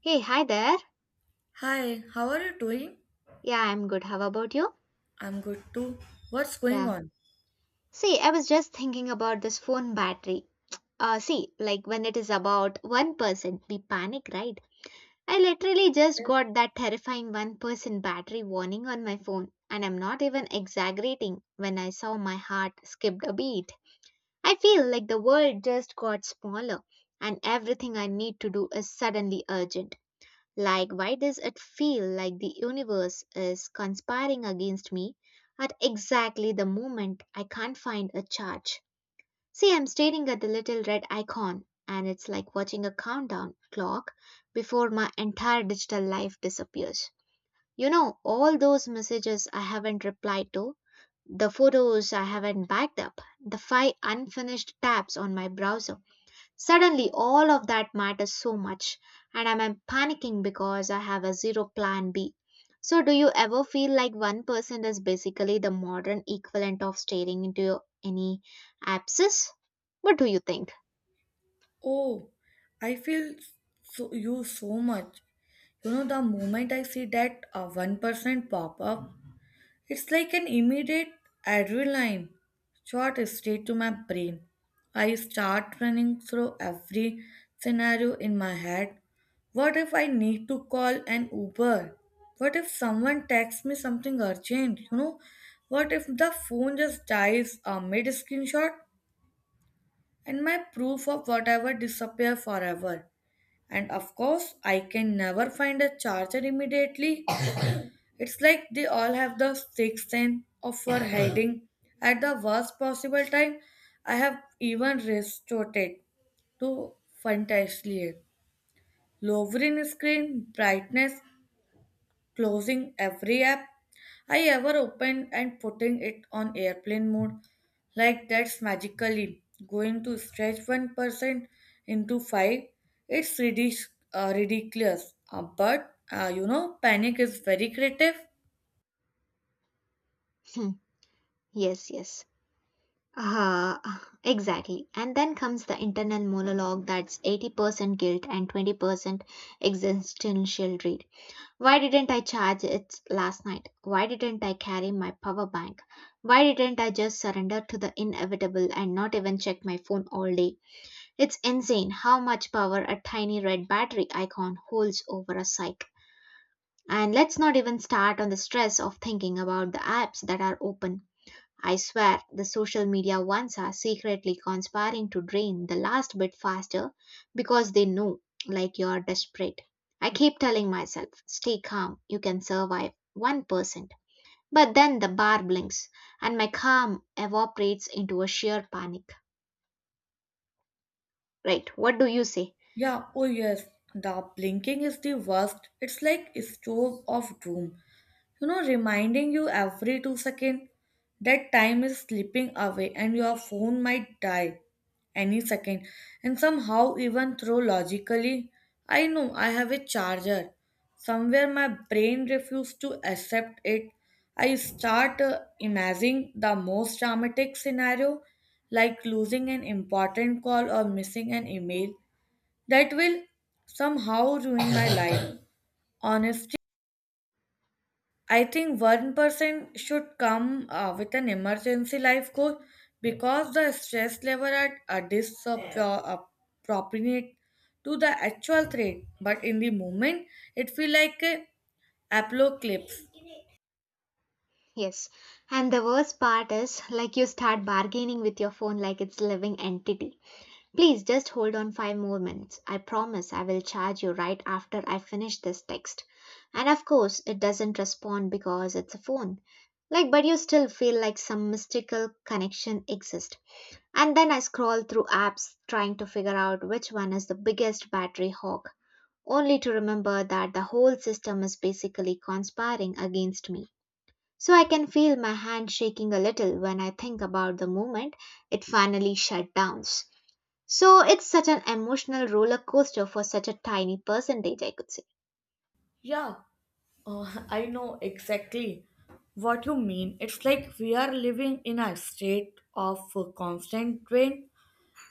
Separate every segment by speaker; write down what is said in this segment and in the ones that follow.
Speaker 1: Hey, hi there.
Speaker 2: Hi, how are you doing?
Speaker 1: Yeah, I'm good. How about you?
Speaker 2: I'm good too. What's going
Speaker 1: Yeah.
Speaker 2: on?
Speaker 1: See, I was just thinking about this phone battery. See, like when it is about 1%, we panic, right? I literally just got that terrifying 1% battery warning on my phone, and I'm not even exaggerating when I saw my heart skipped a beat. I feel like the world just got smaller, and everything I need to do is suddenly urgent. Like, why does it feel like the universe is conspiring against me at exactly the moment I can't find a charge? See, I'm staring at the little red icon, and it's like watching a countdown clock before my entire digital life disappears. All those messages I haven't replied to, the photos I haven't backed up, the five unfinished tabs on my browser. Suddenly, all of that matters so much, and I'm panicking because I have a zero plan B. So, do you ever feel like one person is basically the modern equivalent of staring into any abscess? What do you think?
Speaker 2: Oh, I feel so, you so much. You know, the moment I see that 1% pop up, it's like an immediate adrenaline shot straight to my brain. I start running through every scenario in my head. What if I need to call an Uber? What if someone texts me something urgent? You know, what if the phone just dies mid screenshot? And my proof of whatever disappear forever. And of course, I can never find a charger immediately. It's like they all have the sixth sense of for hiding at the worst possible time. I have even resorted to fantasy, lowering screen brightness, closing every app I ever opened and putting it on airplane mode, like that's magically going to stretch 1% into 5. It's ridiculous. But panic is very creative.
Speaker 1: Hmm, yes, yes. Uh, exactly. And then comes the internal monologue that's 80% guilt and 20% existential dread. Why didn't I charge it last night? Why didn't I carry my power bank? Why didn't I just surrender to the inevitable and not even check my phone all day? It's insane how much power a tiny red battery icon holds over a psyche. And let's not even start on the stress of thinking about the apps that are open. I swear the social media ones are secretly conspiring to drain the last bit faster because they know, like, you're desperate. I keep telling myself, stay calm, you can survive 1%. But then the bar blinks and my calm evaporates into a sheer panic. Right, what do you say?
Speaker 2: Yeah, oh yes, the blinking is the worst. It's like a stove of doom. You know, reminding you every 2 seconds that time is slipping away and your phone might die any second. And somehow, even though logically, I know I have a charger. Somewhere my brain refused to accept it. I start imagining the most dramatic scenario like losing an important call or missing an email that will somehow ruin my life. Honestly, I think 1% should come with an emergency life goal because the stress level at a disproportionate to the actual threat. But in the moment, it feel like a apocalypse.
Speaker 1: Yes. And the worst part is, like, you start bargaining with your phone like it's a living entity. Please just hold on five more minutes. I promise I will charge you right after I finish this text. And of course, it doesn't respond because it's a phone. Like, but you still feel like some mystical connection exists. And then I scroll through apps trying to figure out which one is the biggest battery hog, only to remember that the whole system is basically conspiring against me. So I can feel my hand shaking a little when I think about the moment it finally shut down. So it's such an emotional roller coaster for such a tiny percentage, I could say.
Speaker 2: Yeah, I know exactly what you mean. It's like we are living in a state of constant drain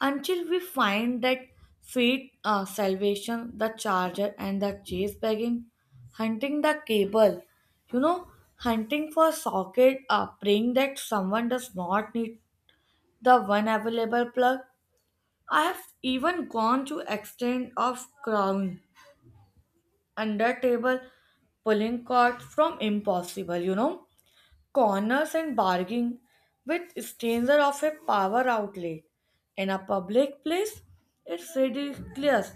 Speaker 2: until we find that faith, salvation, the charger, and the chase begging, hunting the cable, you know, hunting for socket, praying that someone does not need the one available plug. I have even gone to extent of crawling under table, pulling cords from impossible, corners and bargaining with stranger of a power outlet in a public place. It's ridiculous,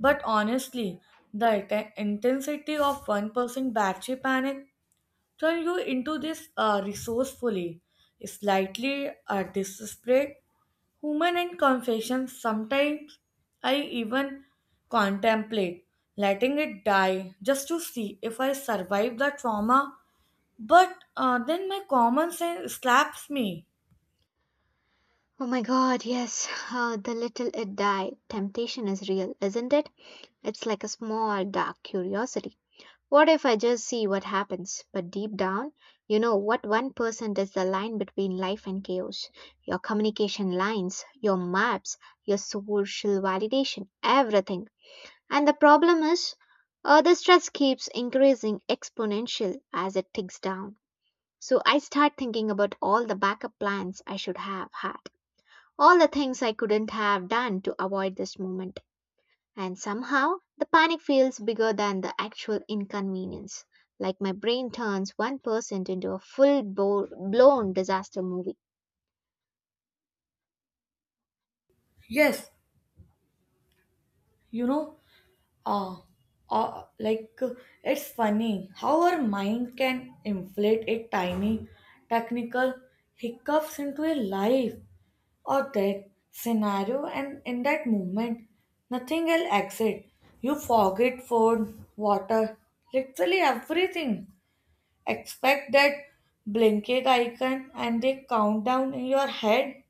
Speaker 2: but honestly, the intensity of one person battery panic turn you into this resourcefully, slightly desperate human and confession. Sometimes I even contemplate letting it die just to see if I survive the trauma but then my common sense slaps me.
Speaker 1: Oh my god, yes, the little it die temptation is real, isn't it? It's like a small dark curiosity. What if I just see what happens? But deep down, you know what, 1% is the line between life and chaos. Your communication lines, your maps, your social validation, everything. And the problem is, the stress keeps increasing exponential as it ticks down. So I start thinking about all the backup plans I should have had, all the things I couldn't have done to avoid this moment. And somehow the panic feels bigger than the actual inconvenience, like my brain turns 1% into a full blown disaster movie.
Speaker 2: Yes, you know, uh, like it's funny how our mind can inflate a tiny technical hiccups into a life or death scenario, and in that moment, nothing will exit. You forget food, water, literally everything. Expect that blanket icon and the countdown in your head.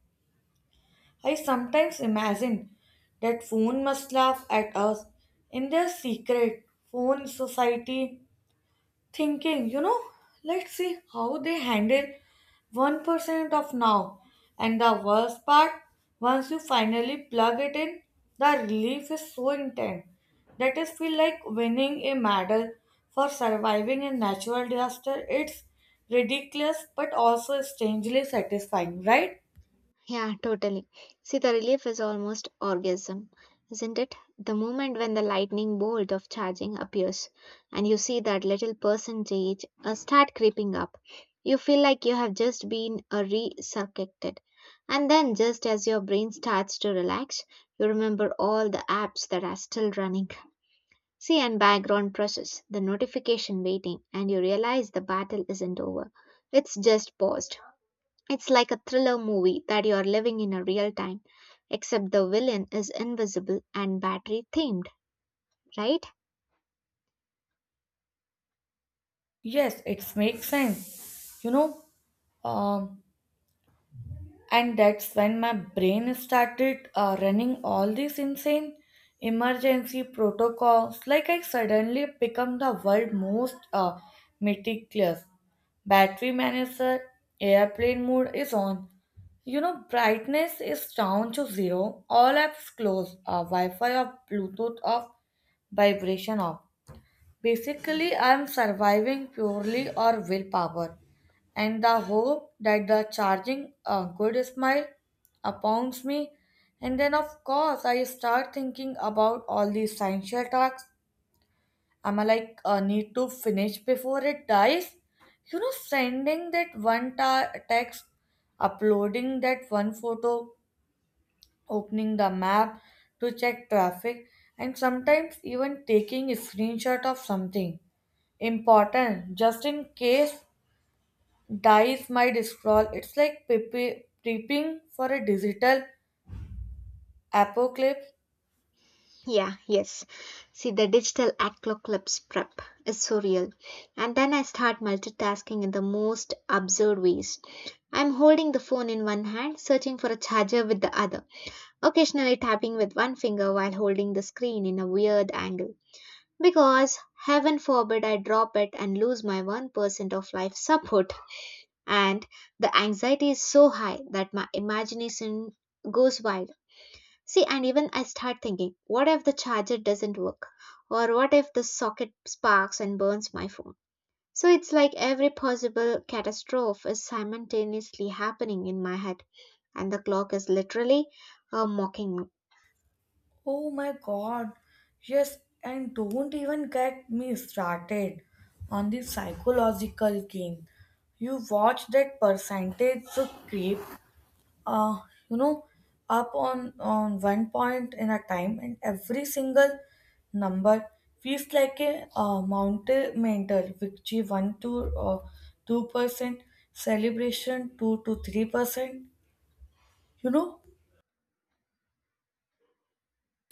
Speaker 2: I sometimes imagine that phone must laugh at us in their secret phone society, thinking, let's see how they handle 1% of now. And the worst part, once you finally plug it in, the relief is so intense that it feels like winning a medal for surviving a natural disaster. It's ridiculous but also strangely satisfying, right?
Speaker 1: Yeah, totally. See, the relief is almost orgasm, isn't it? The moment when the lightning bolt of charging appears and you see that little percentage start creeping up, you feel like you have just been resurrected. And then, just as your brain starts to relax, you remember all the apps that are still running. See, and background process, the notification waiting, and you realize the battle isn't over. It's just paused. It's like a thriller movie that you're living in a real time, except the villain is invisible and battery themed, right?
Speaker 2: Yes, it makes sense. Um, and that's when my brain started running all these insane emergency protocols. Like I suddenly become the world most meticulous. Battery manager, airplane mode is on. You know, brightness is down to zero. All apps closed. Wi-Fi off, Bluetooth off, vibration off. Basically, I'm surviving purely on willpower and the hope that the charging a good smile upons me. And then, of course, I start thinking about all the essential tasks. I'm like, I need to finish before it dies. You know, sending that one text, uploading that one photo, opening the map to check traffic, and sometimes even taking a screenshot of something important just in case dice might scroll. It's like prepping for a digital apocalypse.
Speaker 1: Yeah, yes. See, the digital apocalypse prep is so real. And then I start multitasking in the most absurd ways. I'm holding the phone in one hand, searching for a charger with the other, occasionally tapping with one finger while holding the screen in a weird angle. Because, heaven forbid, I drop it and lose my 1% of life support. And the anxiety is so high that my imagination goes wild. See, and even I start thinking, what if the charger doesn't work? Or what if the socket sparks and burns my phone? So it's like every possible catastrophe is simultaneously happening in my head, and the clock is literally mocking me.
Speaker 2: Oh my god, yes. And don't even get me started on the psychological game. You watch that percentage so creep, uh, you know, up on one point in a time, and every single number feels like a mountain mental victory. 1 to 2%, celebration 2 to 3%. You know,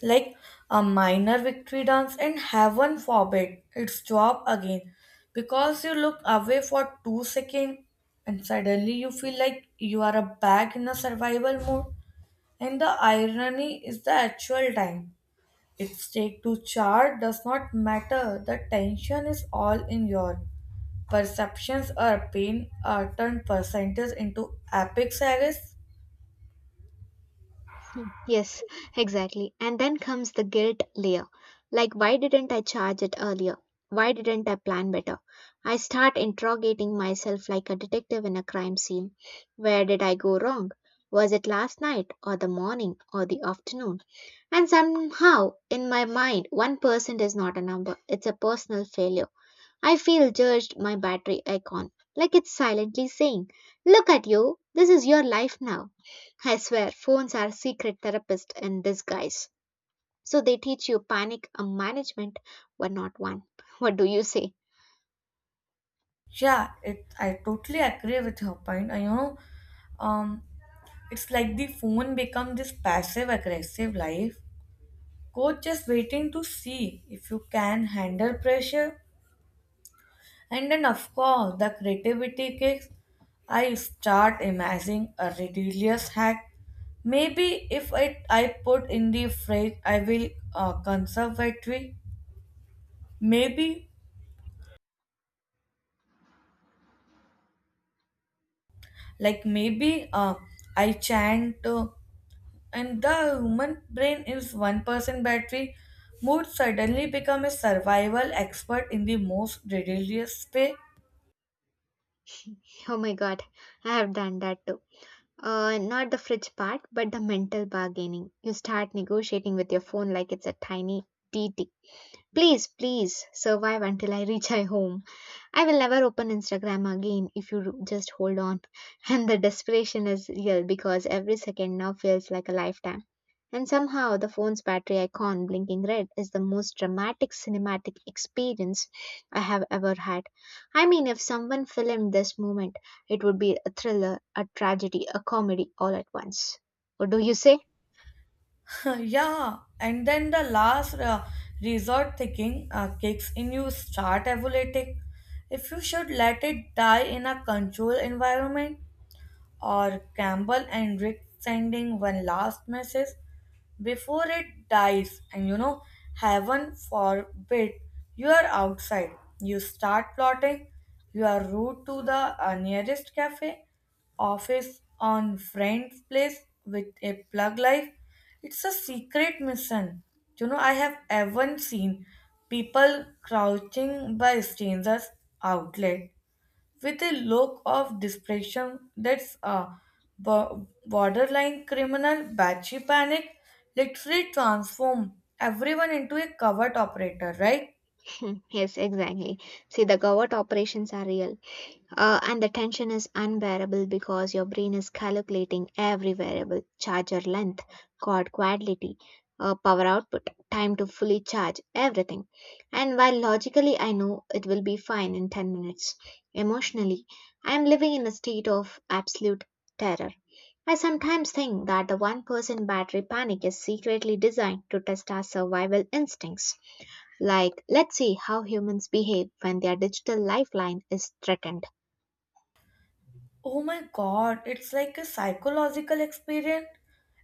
Speaker 2: like a minor victory dance. And heaven forbid it's job again because you look away for 2 seconds and suddenly you feel like you are a back in a survival mode. And the irony is the actual time it takes to charge does not matter. The tension is all in your perceptions are pain are turned percentage into epic sagas.
Speaker 1: Yes, exactly. And then comes the guilt layer. Like, why didn't I charge it earlier? Why didn't I plan better? I start interrogating myself like a detective in a crime scene. Where did I go wrong? Was it last night, or the morning, or the afternoon? And somehow, in my mind, 1% is not a number, it's a personal failure. I feel judged my battery icon, like it's silently saying, look at you, this is your life now. I swear, phones are secret therapists in disguise. So they teach you panic management, but not one. What do you say?
Speaker 2: Yeah, it I totally agree with your point. And, um, it's like the phone become this passive aggressive life coach just waiting to see if you can handle pressure. And then, of course, the creativity kicks. I start imagining a ridiculous hack. Maybe if I put in the fridge, I will conservatory. Maybe, like, maybe I chant and the human brain is 1% battery mood suddenly become a survival expert in the most ridiculous way.
Speaker 1: Oh my god, I have done that too. Not the fridge part, but the mental bargaining. You start negotiating with your phone like it's a tiny TT. Please, please survive until I reach my home. I will never open Instagram again if you just hold on. And the desperation is real because every second now feels like a lifetime. And somehow the phone's battery icon blinking red is the most dramatic cinematic experience I have ever had. I mean, if someone filmed this moment, it would be a thriller, a tragedy, a comedy all at once. What do you say?
Speaker 2: Yeah. And then the last resort thinking kicks in. You start evaluating if you should let it die in a controlled environment, or Campbell and Rick sending one last message before it dies. And heaven forbid you are outside, you start plotting. You are rude to the nearest cafe office on friend's place with a plug life. It's a secret mission. I have even seen people crouching by strangers outlet with a look of desperation. That's a borderline criminal batchy panic. Literally transform everyone into a covert operator, right?
Speaker 1: Yes, exactly. See, the covert operations are real. And the tension is unbearable because your brain is calculating every variable charger length, cord quality, power output, time to fully charge, everything. And while logically I know it will be fine in 10 minutes, emotionally I am living in a state of absolute terror. I sometimes think that the 1% battery panic is secretly designed to test our survival instincts. Like, let's see how humans behave when their digital lifeline is threatened.
Speaker 2: Oh my god, it's like a psychological experiment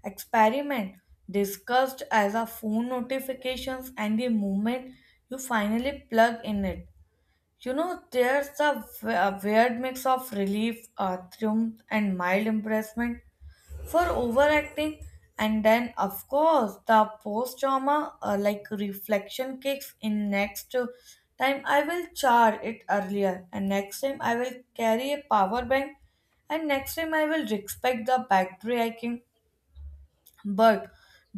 Speaker 2: experiment discussed as a phone notifications. And the moment you finally plug in it, there's a weird mix of relief, triumph and mild embarrassment for overacting. And then, of course, the post trauma like reflection kicks in. Next time I will charge it earlier, and next time I will carry a power bank, and next time I will respect the battery I can. But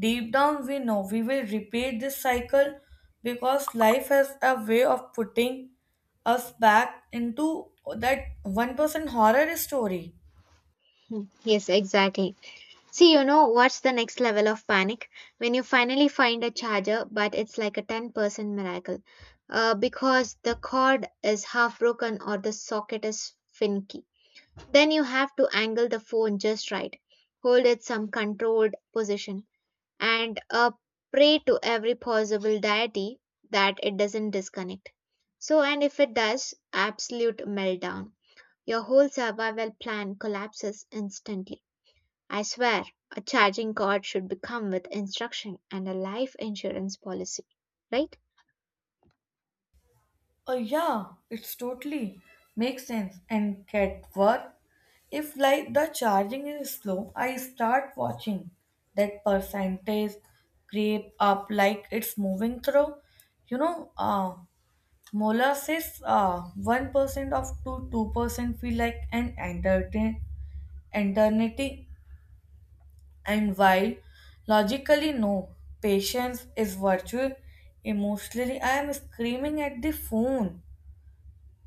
Speaker 2: deep down we know we will repeat this cycle because life has a way of putting us back into that 1% horror story.
Speaker 1: Yes, exactly. See, you know what's the next level of panic? When you finally find a charger, but it's like a 10% miracle because the cord is half broken or the socket is finicky. Then you have to angle the phone just right, hold it some controlled position, and pray to every possible deity that it doesn't disconnect. So, and if it does, absolute meltdown. Your whole survival plan collapses instantly. I swear a charging cord should come with instruction and a life insurance policy, right?
Speaker 2: Oh, yeah, it's totally makes sense. And get work. If like the charging is slow, I start watching that percentage creep up like it's moving through. You know, Mola says 1% of to 2% feel like an entertain, eternity. And while logically no, patience is virtue, emotionally I am screaming at the phone.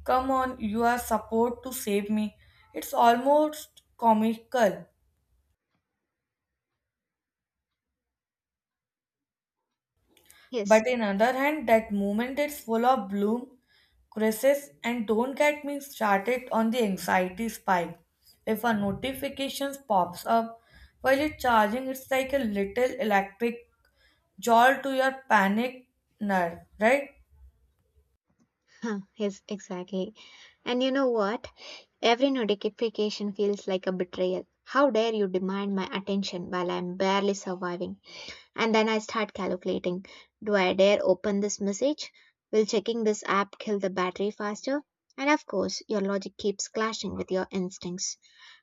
Speaker 2: Come on, you are supposed to save me. It's almost comical.
Speaker 1: Yes,
Speaker 2: But on other hand, that moment is full of bloom, crisis, and don't get me started on the anxiety spike. If a notification pops up while you're charging, it's like a little electric jolt to your panic nerve, right?
Speaker 1: huh, yes, exactly. And you know what? Every notification feels like a betrayal. How dare you demand my attention while I'm barely surviving? And then I start calculating. Do I dare open this message? Will checking this app kill the battery faster? And of course, your logic keeps clashing with your instincts.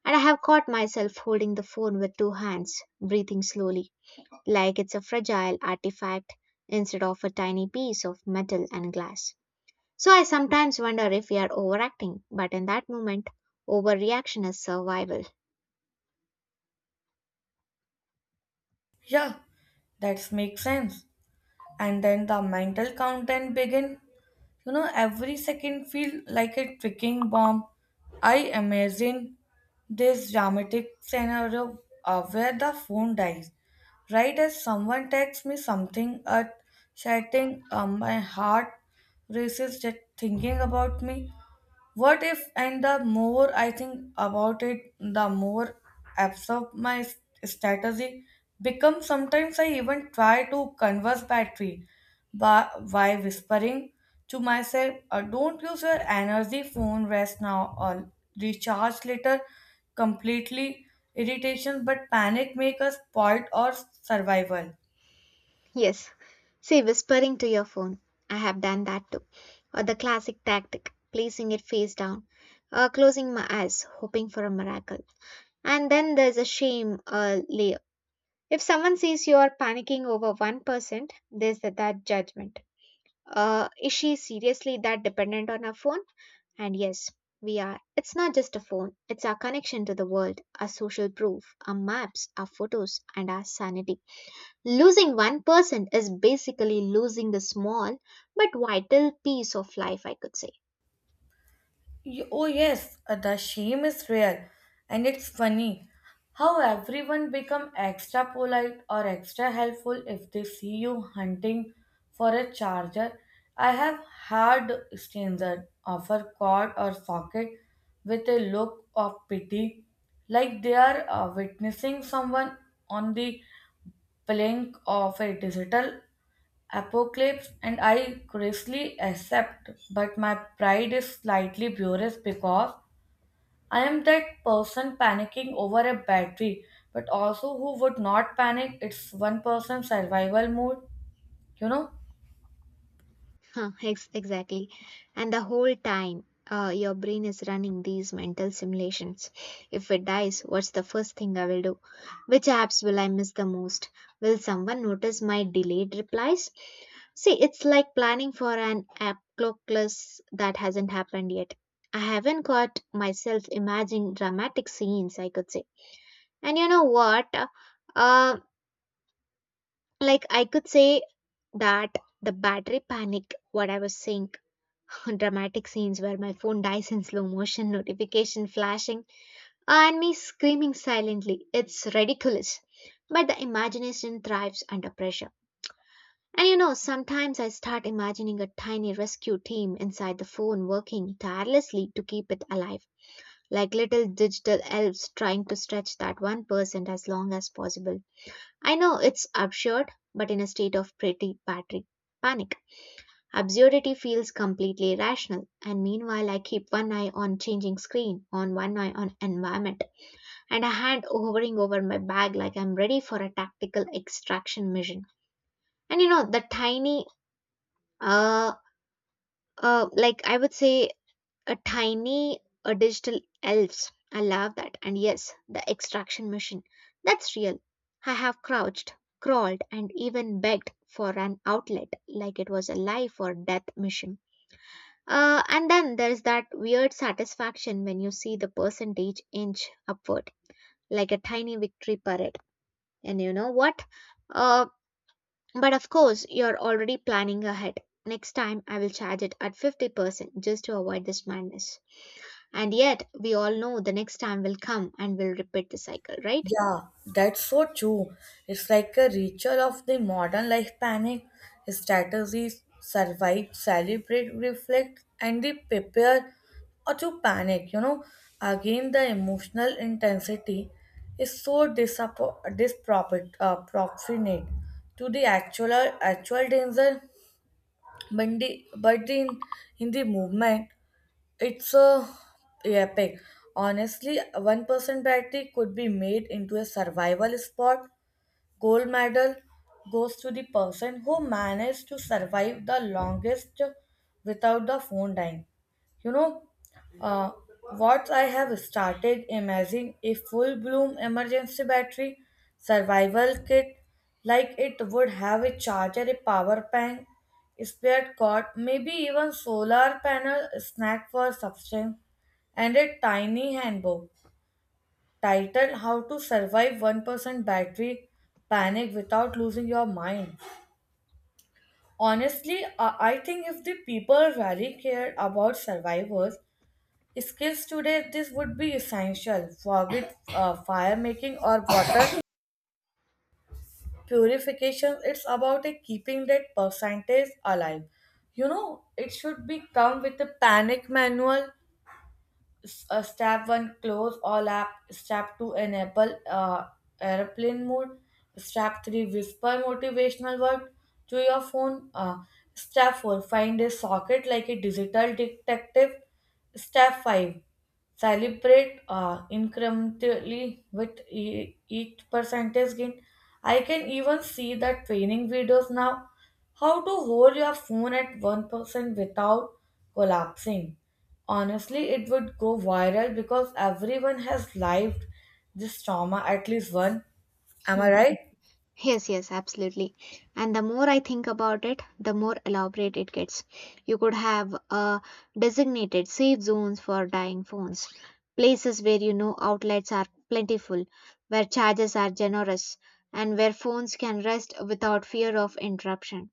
Speaker 1: And I have caught myself holding the phone with two hands, breathing slowly like it's a fragile artifact instead of a tiny piece of metal and glass. So I sometimes wonder if we are overacting, but in that moment, overreaction is survival.
Speaker 2: Yeah, that makes sense. And then the mental countdown begin. You know, every second feel like a ticking bomb. I imagine this dramatic scenario where the phone dies. Right as someone texts me something earth shattering, my heart races just thinking about me. What if, and the more I think about it, the more absurd my strategy becomes. Sometimes I even try to converse battery by whispering to myself, don't use your energy phone, rest now, or recharge later. Completely irritation, but panic make us spoiled or survival.
Speaker 1: Yes, see, whispering to your phone, I have done that too. Or the classic tactic, placing it face down, or closing my eyes, hoping for a miracle. And then there's a shame layer. If someone sees you are panicking over 1%, there's that judgment. Is she seriously that dependent on her phone? And yes, we are. It's not just a phone, it's our connection to the world, our social proof, our maps, our photos, and our sanity. Losing one person is basically losing the small but vital piece of life, I could say.
Speaker 2: Oh, yes, the shame is real, and it's funny how everyone become extra polite or extra helpful if they see you hunting for a charger. I have had strangers offer cord or socket with a look of pity, like they are witnessing someone on the plank of a digital apocalypse, and I graciously accept. But my pride is slightly furious because I am that person panicking over a battery, but also who would not panic. It's one person survival mode, you know.
Speaker 1: Huh, exactly. And the whole time, your brain is running these mental simulations. If it dies, what's the first thing I will do? Which apps will I miss the most? Will someone notice my delayed replies? See, it's like planning for an app clockless that hasn't happened yet. I haven't got myself imagining dramatic scenes, I could say. And you know what? Uh, like, I could say that the battery panic, what I was saying. Dramatic scenes where my phone dies in slow motion, notification flashing, and me screaming silently. It's ridiculous. But the imagination thrives under pressure. And you know, sometimes I start imagining a tiny rescue team inside the phone working tirelessly to keep it alive, like little digital elves trying to stretch that 1% as long as possible. I know it's absurd, but in a state of pretty battery panic. Absurdity feels completely irrational, and meanwhile, I keep one eye on changing screen, on one eye on environment, and a hand hovering over my bag like I'm ready for a tactical extraction mission. And you know, the tiny, uh, like I would say, a tiny, a digital elves. I love that. And yes, the extraction mission. That's real. I have crouched, crawled, and even begged for an outlet, like it was a life or death mission. And then there's that weird satisfaction when you see the percentage inch upward, like a tiny victory parade. And you know what? Uh, but of course, you're already planning ahead. Next time, I will charge it at 50% just to avoid this madness. And yet, we all know the next time will come and we'll repeat the cycle, right?
Speaker 2: Yeah, that's so true. It's like a ritual of the modern life panic. Strategies survive, celebrate, reflect, and they prepare or to panic. You know, again, the emotional intensity is so disproportionate proportionate to the actual danger. But the, but in the movement, it's a yeah, epic. Honestly, one person battery could be made into a survival spot. Gold medal goes to the person who managed to survive the longest without the phone dying. You know, uh, what I have started imagining a full bloom emergency battery survival kit. Like it would have a charger, a power bank, spare cord, maybe even solar panel, snack for substance, and a tiny handbook titled How to Survive 1% Battery Panic Without Losing Your Mind. Honestly, I think if the people really cared about survivors' skills today, this would be essential. Forget fire making or water purification, it's about a keeping that percentage alive. You know, it should be come with a panic manual. Step one, close all app. Step two, enable airplane mode. Step three, whisper motivational word to your phone. Step four, find a socket like a digital detective. Step 5, celebrate incrementally with each percentage gain. I can even see the training videos now. How to hold your phone at 1% without collapsing. Honestly, it would go viral because everyone has lived this trauma at least one. Am I right?
Speaker 1: Yes, yes, absolutely. And the more I think about it, the more elaborate it gets. You could have designated safe zones for dying phones, places where you know outlets are plentiful, where charges are generous, and where phones can rest without fear of interruption.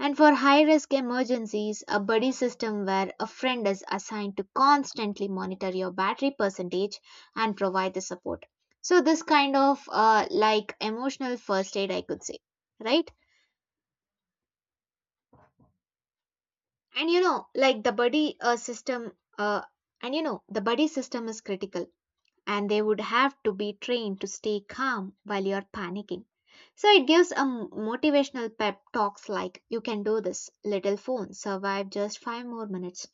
Speaker 1: And for high risk emergencies, a buddy system where a friend is assigned to constantly monitor your battery percentage and provide the support. So, this kind of like emotional first aid, I could say, right? And you know, like the uh, buddy system is critical and they would have to be trained to stay calm while you're panicking. So it gives a motivational pep talks like you can do this little phone survive just 5 more minutes,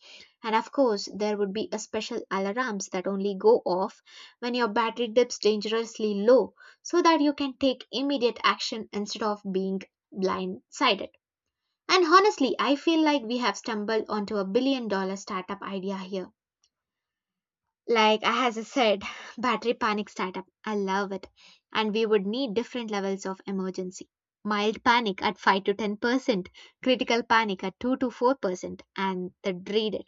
Speaker 1: and of course there would be a special alarms that only go off when your battery dips dangerously low, so that you can take immediate action instead of being blindsided. And honestly, I feel like we have stumbled onto a billion dollar startup idea here, like I as I said, battery panic startup. I love it. And we would need different levels of emergency. Mild panic at 5 to 10%, critical panic at 2 to 4%, and the dreaded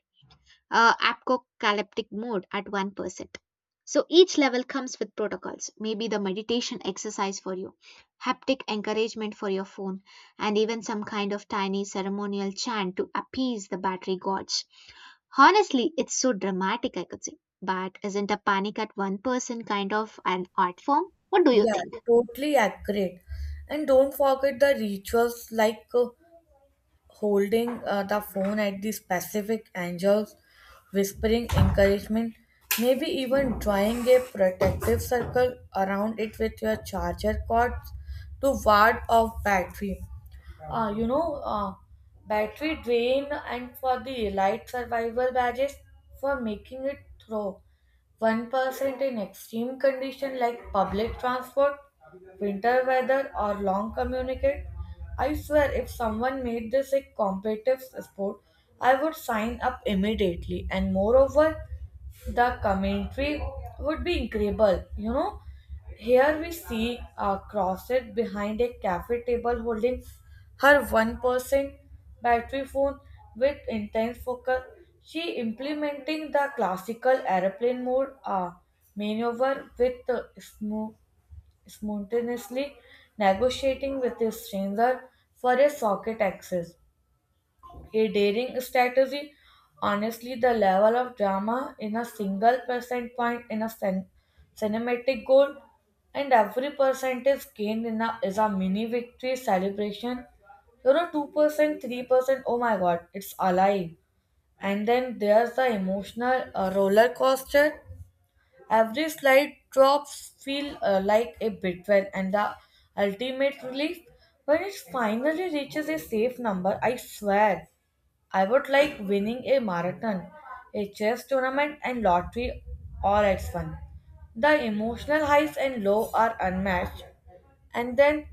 Speaker 1: apocalyptic mode at 1%. So each level comes with protocols, maybe the meditation exercise for you, haptic encouragement for your phone, and even some kind of tiny ceremonial chant to appease the battery gods. Honestly, it's so dramatic, I could say. But isn't a panic at one person kind of an art form? What do you
Speaker 2: Yeah,
Speaker 1: think?
Speaker 2: totally accurate. And don't forget the rituals like holding the phone at the specific angles, whispering encouragement, maybe even drawing a protective circle around it with your charger cords to ward off uh, you know, uh, battery drain. And for the light survival badges for making it through 1% in extreme condition like public transport, winter weather or long communicate. I swear if someone made this a competitive sport, I would sign up immediately, and moreover the commentary would be incredible. You know, here we see a crosset behind a cafe table holding her 1% battery phone with intense focus. She implementing the classical airplane mode maneuver with spontaneously negotiating with a stranger for a socket access, a daring strategy. Honestly, the level of drama in a single percent point in a cinematic goal, and every percentage gained is a mini victory celebration. You know, 2%, 3%, oh my god, it's alive. And then there's the emotional roller coaster. Every slide drops feel like a betrayal, and the ultimate relief when it finally reaches a safe number. I swear I would like winning a marathon, a chess tournament, and lottery all at fun. The emotional highs and low are unmatched, and then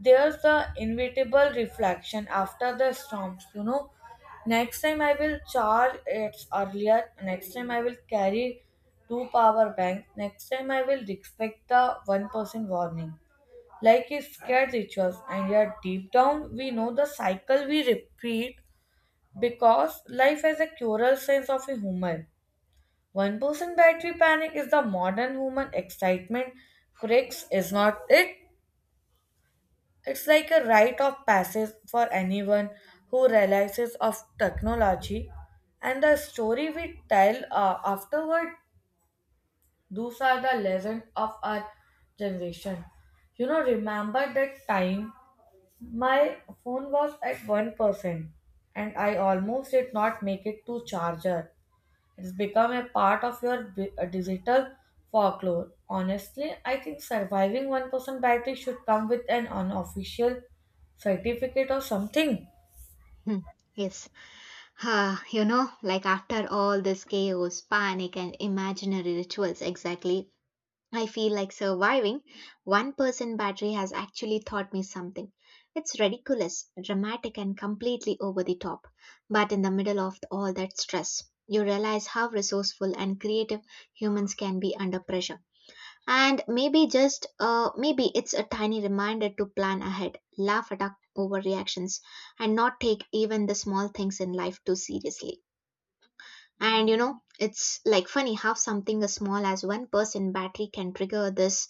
Speaker 2: there's the inevitable reflection after the storms. You know, next time I will charge it earlier. Next time I will carry two power banks. Next time I will respect the one person warning. Like a scared rituals, and yet deep down we know the cycle we repeat because life has a cruel sense of humor. 1% battery panic is the modern human excitement. Critics is not it. It's like a rite of passage for anyone who realizes of technology. And the story we tell afterward, those are the legends of our generation. You know, remember that time my phone was at 1% and I almost did not make it to charger. It's become a part of your digital folklore. Honestly, I think surviving 1% battery should come with an unofficial certificate or something.
Speaker 1: Hmm. Yes. Ah, you know, like after all this chaos, panic, and imaginary rituals, exactly, I feel like surviving one person battery has actually taught me something. It's ridiculous, dramatic, and completely over the top. But in the middle of all that stress, you realize how resourceful and creative humans can be under pressure. And maybe just maybe it's a tiny reminder to plan ahead, laugh at our overreactions, and not take even the small things in life too seriously. And you know, it's like funny how something as small as 1% battery can trigger this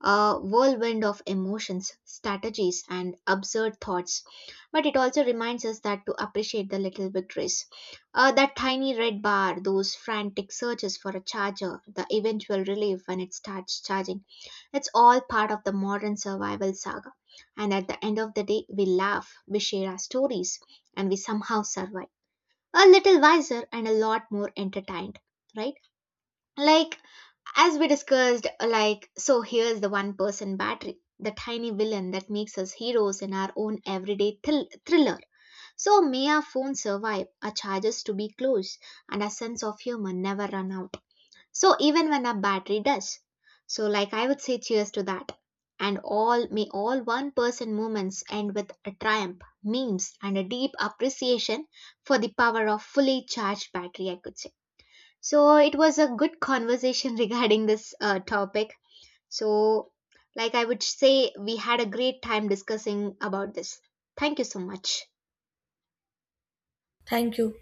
Speaker 1: a whirlwind of emotions, strategies, and absurd thoughts. But it also reminds us that to appreciate the little victories. That tiny red bar, those frantic searches for a charger, the eventual relief when it starts charging. It's all part of the modern survival saga. And at the end of the day, we laugh, we share our stories, and we somehow survive. A little wiser and a lot more entertained, right? Like, as we discussed, like, so here's the one person battery, the tiny villain that makes us heroes in our own everyday thriller. So may our phone survive, our chargers to be close, and our sense of humor never run out, so even when our battery does. So like I would say, cheers to that. And all may all one person moments end with a triumph memes and a deep appreciation for the power of fully charged battery, I could say. So it was a good conversation regarding this topic. So, like I would say, we had a great time discussing about this. Thank you so much.
Speaker 2: Thank you.